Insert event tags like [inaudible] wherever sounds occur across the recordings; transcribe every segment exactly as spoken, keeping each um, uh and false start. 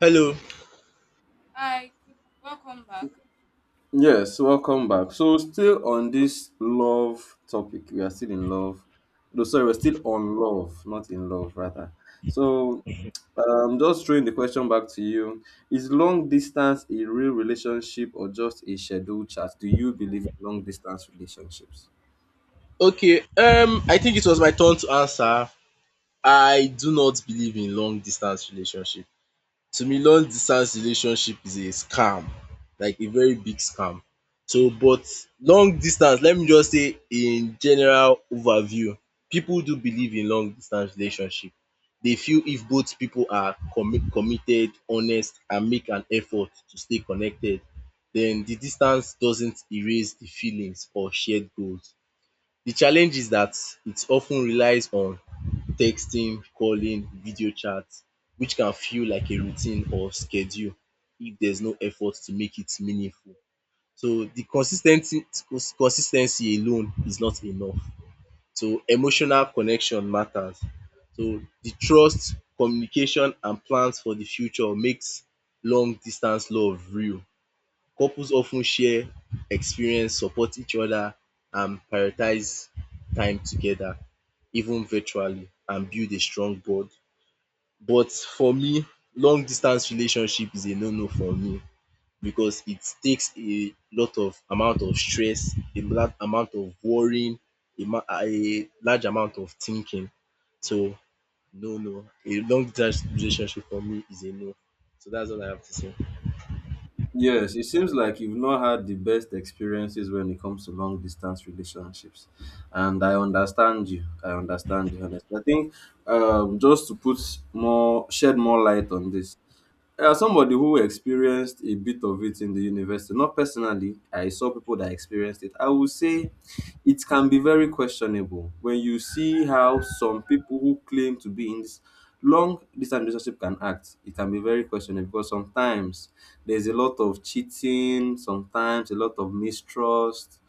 Hello. Hi, good welcome back. Yes, welcome back. So, still on this love topic, we are still in love. No, sorry, we're still on love, not in love, rather. So, um, just throwing the question back to you: Is long distance a real relationship or just a scheduled chat? Do you believe in long distance relationships? Okay. Um, I think it was my turn to answer. I do not believe in long distance relationship. To me, long distance relationship is a scam, like a very big scam. So, but long distance, let me just say in general overview, people do believe in long distance relationship. They feel if both people are commi committed, honest and make an effort to stay connected, then the distance doesn't erase the feelings or shared goals. The challenge is that it of ten relies on texting, calling, video chat which can feel like a routine or schedule if there's no effort to make it meaningful. So the consis ten ty consis ten cy alone is not enough. So emotional connection matters. So the trust, communication and plans for the future makes long distance love real. Couples often share experience, support each other and prioritize time together even virtually and build a strong bond. But for me, long distance relationship is a no no for me because it takes a lot of amount of stress, a large amount of worrying, a ma- a large amount of thinking. So no no, a long distance relationship for me is a no. So that's all I have to say. Yes, it seems like you've not had the best experiences when it comes to long distance relationships. And I understand you. I understand you honestly. I think um, just to put more shed more light on this, there somebody who experienced a bit of it in the university. Not personally, I saw people that experienced it. I would say it can be very questionable when you see how some people who claim to be in this long distance relationship can act. It can be very questionable because sometimes there's a lot of cheating, sometimes a lot of mistrust,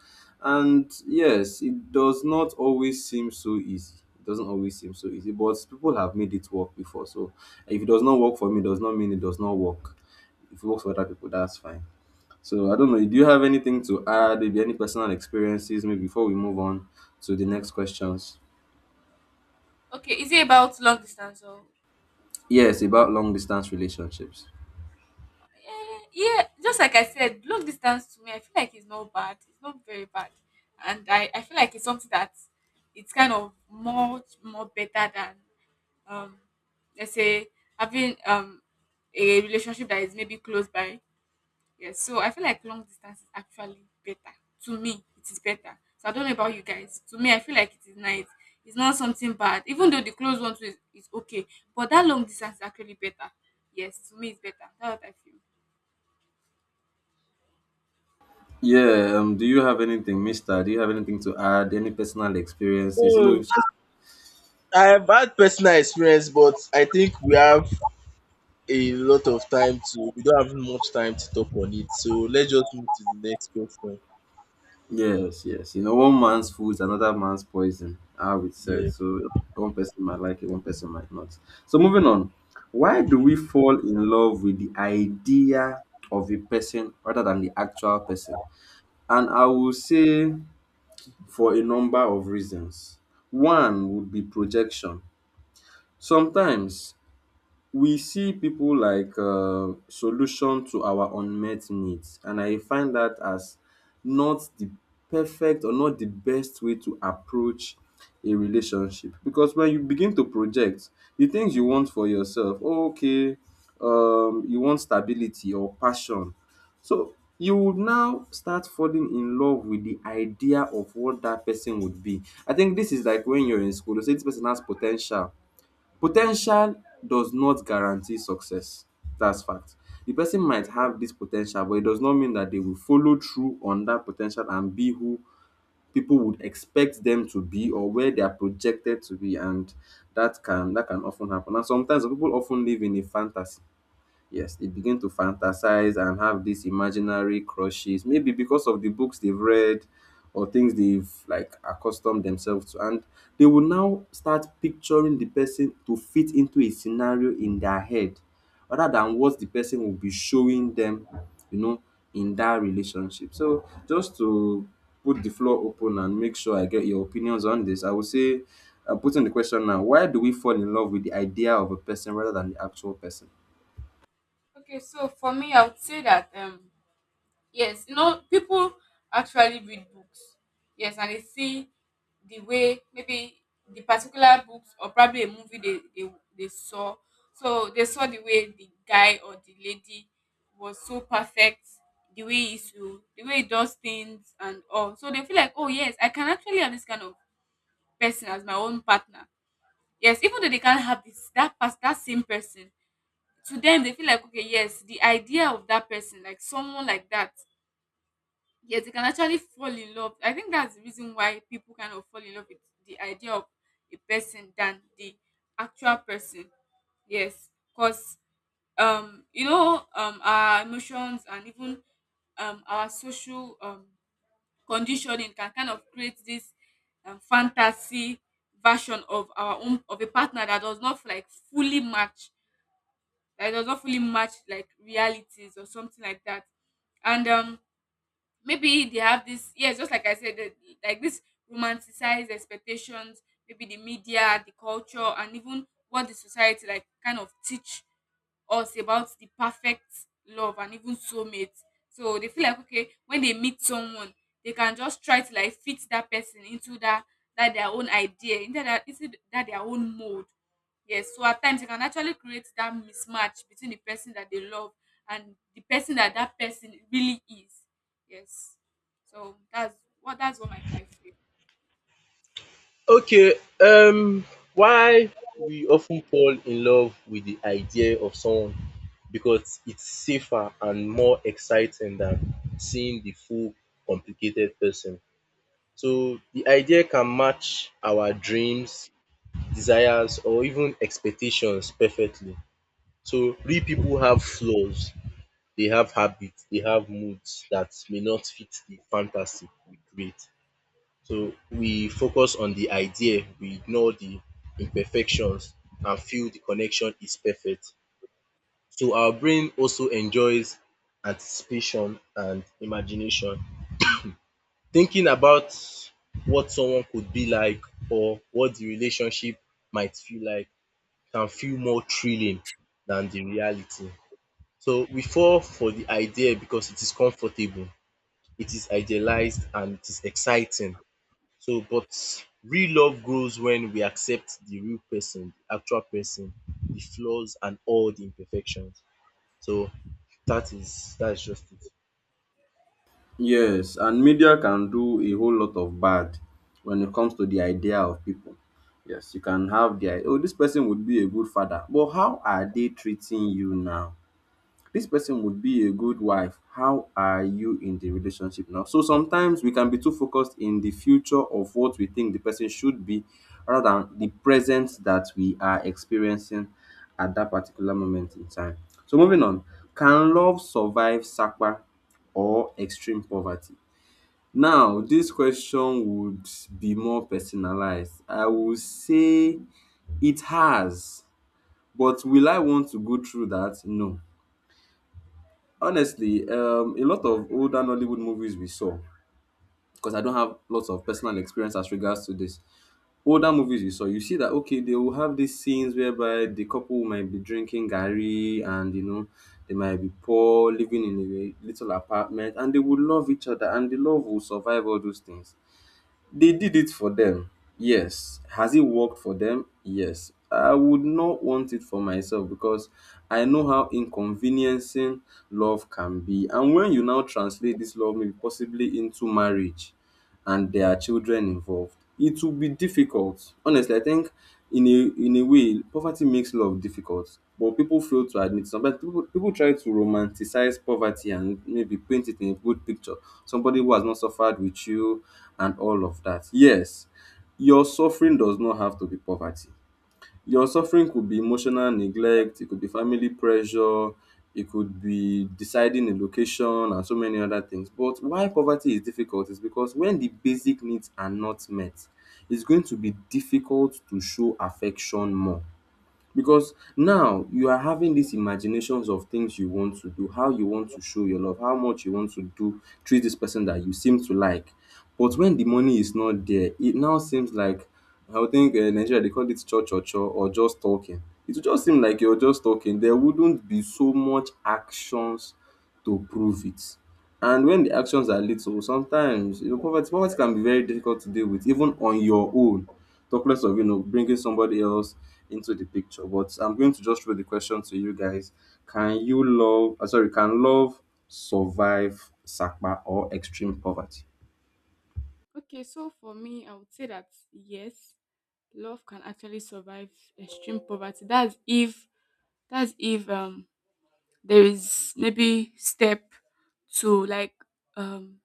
and yes, it does not always seem so easy. It doesn't always seem so easy, but people have made it work before. So if it does not work for me, it does not mean it does not work. If it works for other people, that's fine. So I don't know. Do you have anything to add? Maybe any personal experiences? Maybe before we move on to the next questions. Okay, is it about long distance or Yes, about long distance relationships. yeah, yeah, just like I said, long distance to me, I feel like it's not bad. It's not very bad. And I, I feel like it's something that it's kind of much more better than um let's say having um a relationship that is maybe close by. Yes, so I feel like long distance is actually better. To me, it is better. So I don't know about you guys. To me, I feel like it is nice. It's not something bad, even though the close one too is, is okay. But that long distance is actually better. Yes, to me, it's better. That's what I feel. Yeah. Um. Do you have anything, Mister? Do you have anything to add? Any personal experiences? You know, I have had personal experience, but I think we have a lot of time to, we don't have much time to talk on it. So let's just move to the next question. Yes, yes. You know, one man's food is another man's poison, how it said. Yeah. So one person might like it, one person might not. So moving on. Why do we fall in love with the idea of a person rather than the actual person? And I will say for a number of reasons. One would be projection. Sometimes we see people like uh, solution to our unmet needs, and I find that as not the perfect or not the best way to approach a relationship, because when you begin to project the things you want for yourself, oh, okay, um you want stability or passion, so you would now start falling in love with the idea of what that person would be. I think this is like when you're in school, you say this person has potential. Potential does not guarantee success. That's fact. The person might have this potential, but it does not mean that they will follow through on that potential and be who people would expect them to be or where they are projected to be, and that can that can often happen. And sometimes people often live in a fantasy. Yes, they begin to fantasize and have these imaginary crushes, maybe because of the books they've read or things they've like accustomed themselves to. And they will now start picturing the person to fit into a scenario in their head rather than what the person will be showing them, you know, in that relationship. So just to put the floor open and make sure I get your opinions on this, I would say, uh, putting the question now, why do we fall in love with the idea of a person rather than the actual person? Okay, so for me, I would say that um yes, you know, people actually read books. Yes, and they see the way maybe the particular books or probably a movie they, they, they saw. So they saw the way the guy or the lady was so perfect, the way he used the way he does things and all. So they feel like, oh yes, I can actually have this kind of person as my own partner. Yes, even though they can't have this that past that same person. To them, they feel like okay, yes, the idea of that person, like someone like that, yes, you can actually fall in love. I think that's the reason why people kind of fall in love with the idea of a person than the actual person. Yes, because um you know, um our emotions and even um our social um conditioning can kind of create this um, fantasy version of our own of a partner that does not like fully match, that does not fully match like realities or something like that. And um maybe they have this, yes, just like I said, the, like this romanticized expectations, maybe the media, the culture, and even what the society like kind of teach us about the perfect love and even soulmate. So they feel like okay, when they meet someone, they can just try to like fit that person into that, that their own idea into that, into that their own mold. Yes, so at times it can actually create that mismatch between the person that they love and the person that that person really is. Yes, so that's what that's what my, I feel. Okay. Um, why we often fall in love with the idea of someone because it's safer and more exciting than seeing the full complicated person. So the idea can match our dreams, desires, or even expectations perfectly. So real people have flaws, they have habits, they have moods that may not fit the fantasy we create. So we focus on the idea, we ignore the imperfections and feel the connection is perfect. So our brain also enjoys anticipation and imagination. Thinking about what someone could be like or what the relationship might feel like can feel more thrilling than the reality. So we fall for the idea because it is comfortable, it is idealized and it is exciting. So but real love grows when we accept the real person, the actual person, the flaws and all the imperfections. So that is that is just it. Yes, and media can do a whole lot of bad when it comes to the idea of people. Yes, you can have the i- oh, this person would be a good father, but how are they treating you now? This person would be a good wife. How are you in the relationship now? So sometimes we can be too focused in the future of what we think the person should be rather than the present that we are experiencing at that particular moment in time. So moving on, can love survive sakwa or extreme poverty? Now, this question would be more personalized. I would say it has, but will I want to go through that? No. Honestly, um, a lot of older Nollywood movies we saw, because I don't have lots of personal experience as regards to this. Older movies we saw, you see that okay, they will have these scenes whereby the couple might be drinking gari, and you know they might be poor, living in a little apartment, and they will love each other, and the love will survive all those things. They did it for them. Yes. Has it worked for them? Yes. I would not want it for myself because I know how inconveniencing love can be. And when you now translate this love maybe possibly into marriage and there are children involved, it will be difficult. Honestly, I think in a in a way, poverty makes love difficult, but people fail to admit. Sometimes people people try to romanticize poverty and maybe paint it in a good picture. Somebody who has not suffered with you and all of that. Yes, your suffering does not have to be poverty. Your suffering could be emotional neglect, it could be family pressure, it could be deciding a location and so many other things. But why poverty is difficult is because when the basic needs are not met, it's going to be difficult to show affection more. Because now you are having these imaginations of things you want to do, how you want to show your love, how much you want to do, treat this person that you seem to like. But when the money is not there, it now seems like, I would think uh, Nigeria they call it cho cho cho, or just talking. It would just seem like you're just talking. There wouldn't be so much actions to prove it. And when the actions are little, sometimes you know poverty poverty can be very difficult to deal with even on your own. Talk less of you know bringing somebody else into the picture. But I'm going to just throw the question to you guys: Can you love? Uh, sorry, can love survive sakpa or extreme poverty? Okay, so for me, I would say that yes, love can actually survive extreme poverty. That's if that's if um there is maybe step to like um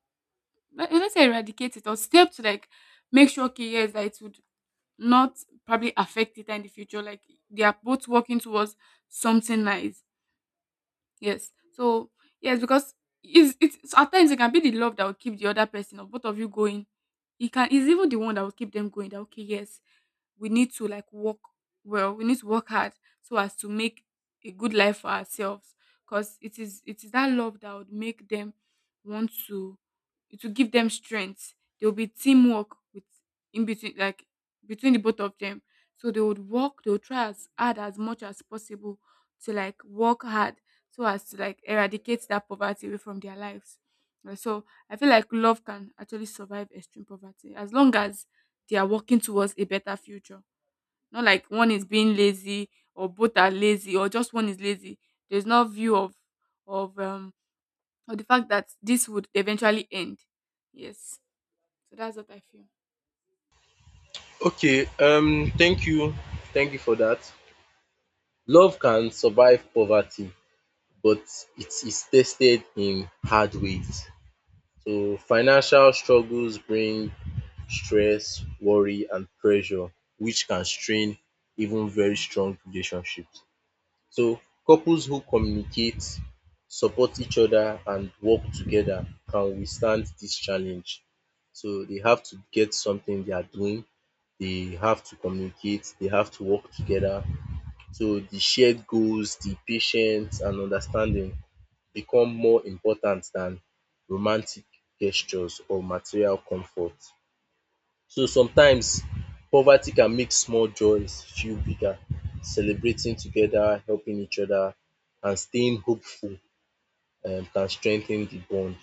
let- let's say eradicate it or step to like make sure okay yes that it would not probably affect it in the future. Like they are both working towards something nice. Yes. So yes, because it's, it's at times it can be the love that will keep the other person or both of you going. It can, it's even the one that will keep them going. That okay, yes, we need to like work well. We need to work hard so as to make a good life for ourselves. Because it is it is that love that would make them want to to give them strength. There will be teamwork with in between like between the both of them. So they would work. They would try as hard as much as possible to like work hard so as to like eradicate that poverty away from their lives. Uh, So I feel like love can actually survive extreme poverty as long as they are working towards a better future. Not like one is being lazy or both are lazy or just one is lazy. There's no view of of um or the fact that this would eventually end. Yes. So that's what I feel. Okay, um thank you. Thank you for that. Love can survive poverty, but it is tested in hard ways. So financial struggles bring stress, worry and pressure which can strain even very strong relationships. So couples who communicate, support each other and work together can withstand this challenge. So they have to get something they are doing, they have to communicate, they have to work together. So the shared goals, the patience and understanding become more important than romantic gestures or material comfort. So sometimes poverty can make small joys feel bigger. Celebrating together, helping each other and staying hopeful um can strengthen the bond.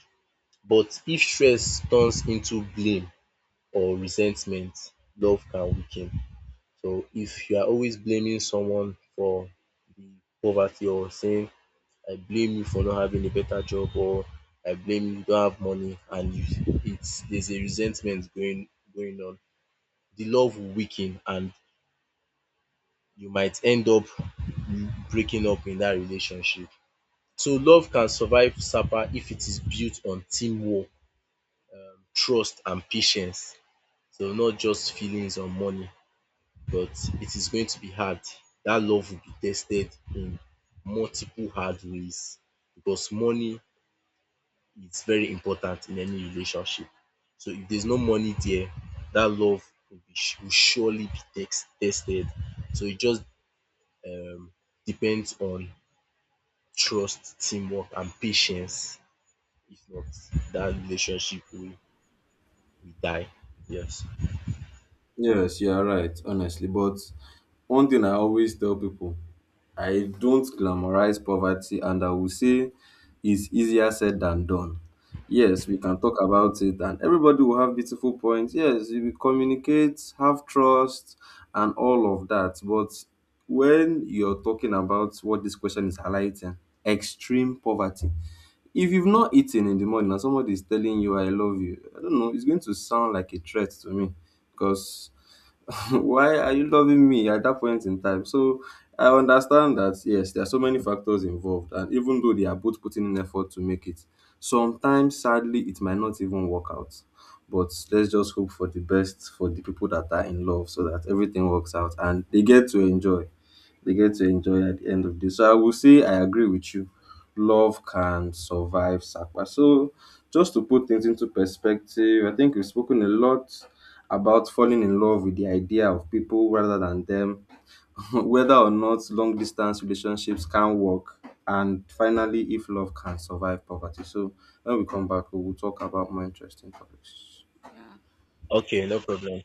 But if stress turns into blame or resentment, love can weaken. So if you are always blaming someone for the poverty or saying I blame you for not having a better job or I blame you, you don't have money and you it's there's a resentment going going on. The love will weaken and you might end up breaking up in that relationship. So love can survive sapa if it is built on teamwork, trust and patience. So not just feelings or money but it is going to be hard. That love will be tested in multiple hard ways because money it's very important in any relationship. So if there's no money there, that love will be will surely be tex- tested. So it just um depends on trust, teamwork, and patience. If not, that relationship will, will die. Yes. Yes, you are right, honestly. But one thing I always tell people, I don't glamorize poverty, and I will say it's easier said than done. Yes, we can talk about it, and everybody will have beautiful points. Yes, we will communicate, have trust, and all of that. But when you're talking about what this question is highlighting, extreme poverty. If you've not eaten in the morning and somebody is telling you, I love you, I don't know, it's going to sound like a threat to me, because [laughs] why are you loving me at that point in time? So I understand that yes, there are so many factors involved, and even though they are both putting in effort to make it, sometimes sadly it might not even work out. But let's just hope for the best for the people that are in love so that everything works out and they get to enjoy. They get to enjoy at the end of the day. So I will say I agree with you. Love can survive sacrifice. So just to put things into perspective, I think we've spoken a lot about falling in love with the idea of people rather than them, [laughs] whether or not long distance relationships can work, and finally, if love can survive poverty. So, when we come back, we will talk about more interesting topics. Yeah. Okay, All no right. problem.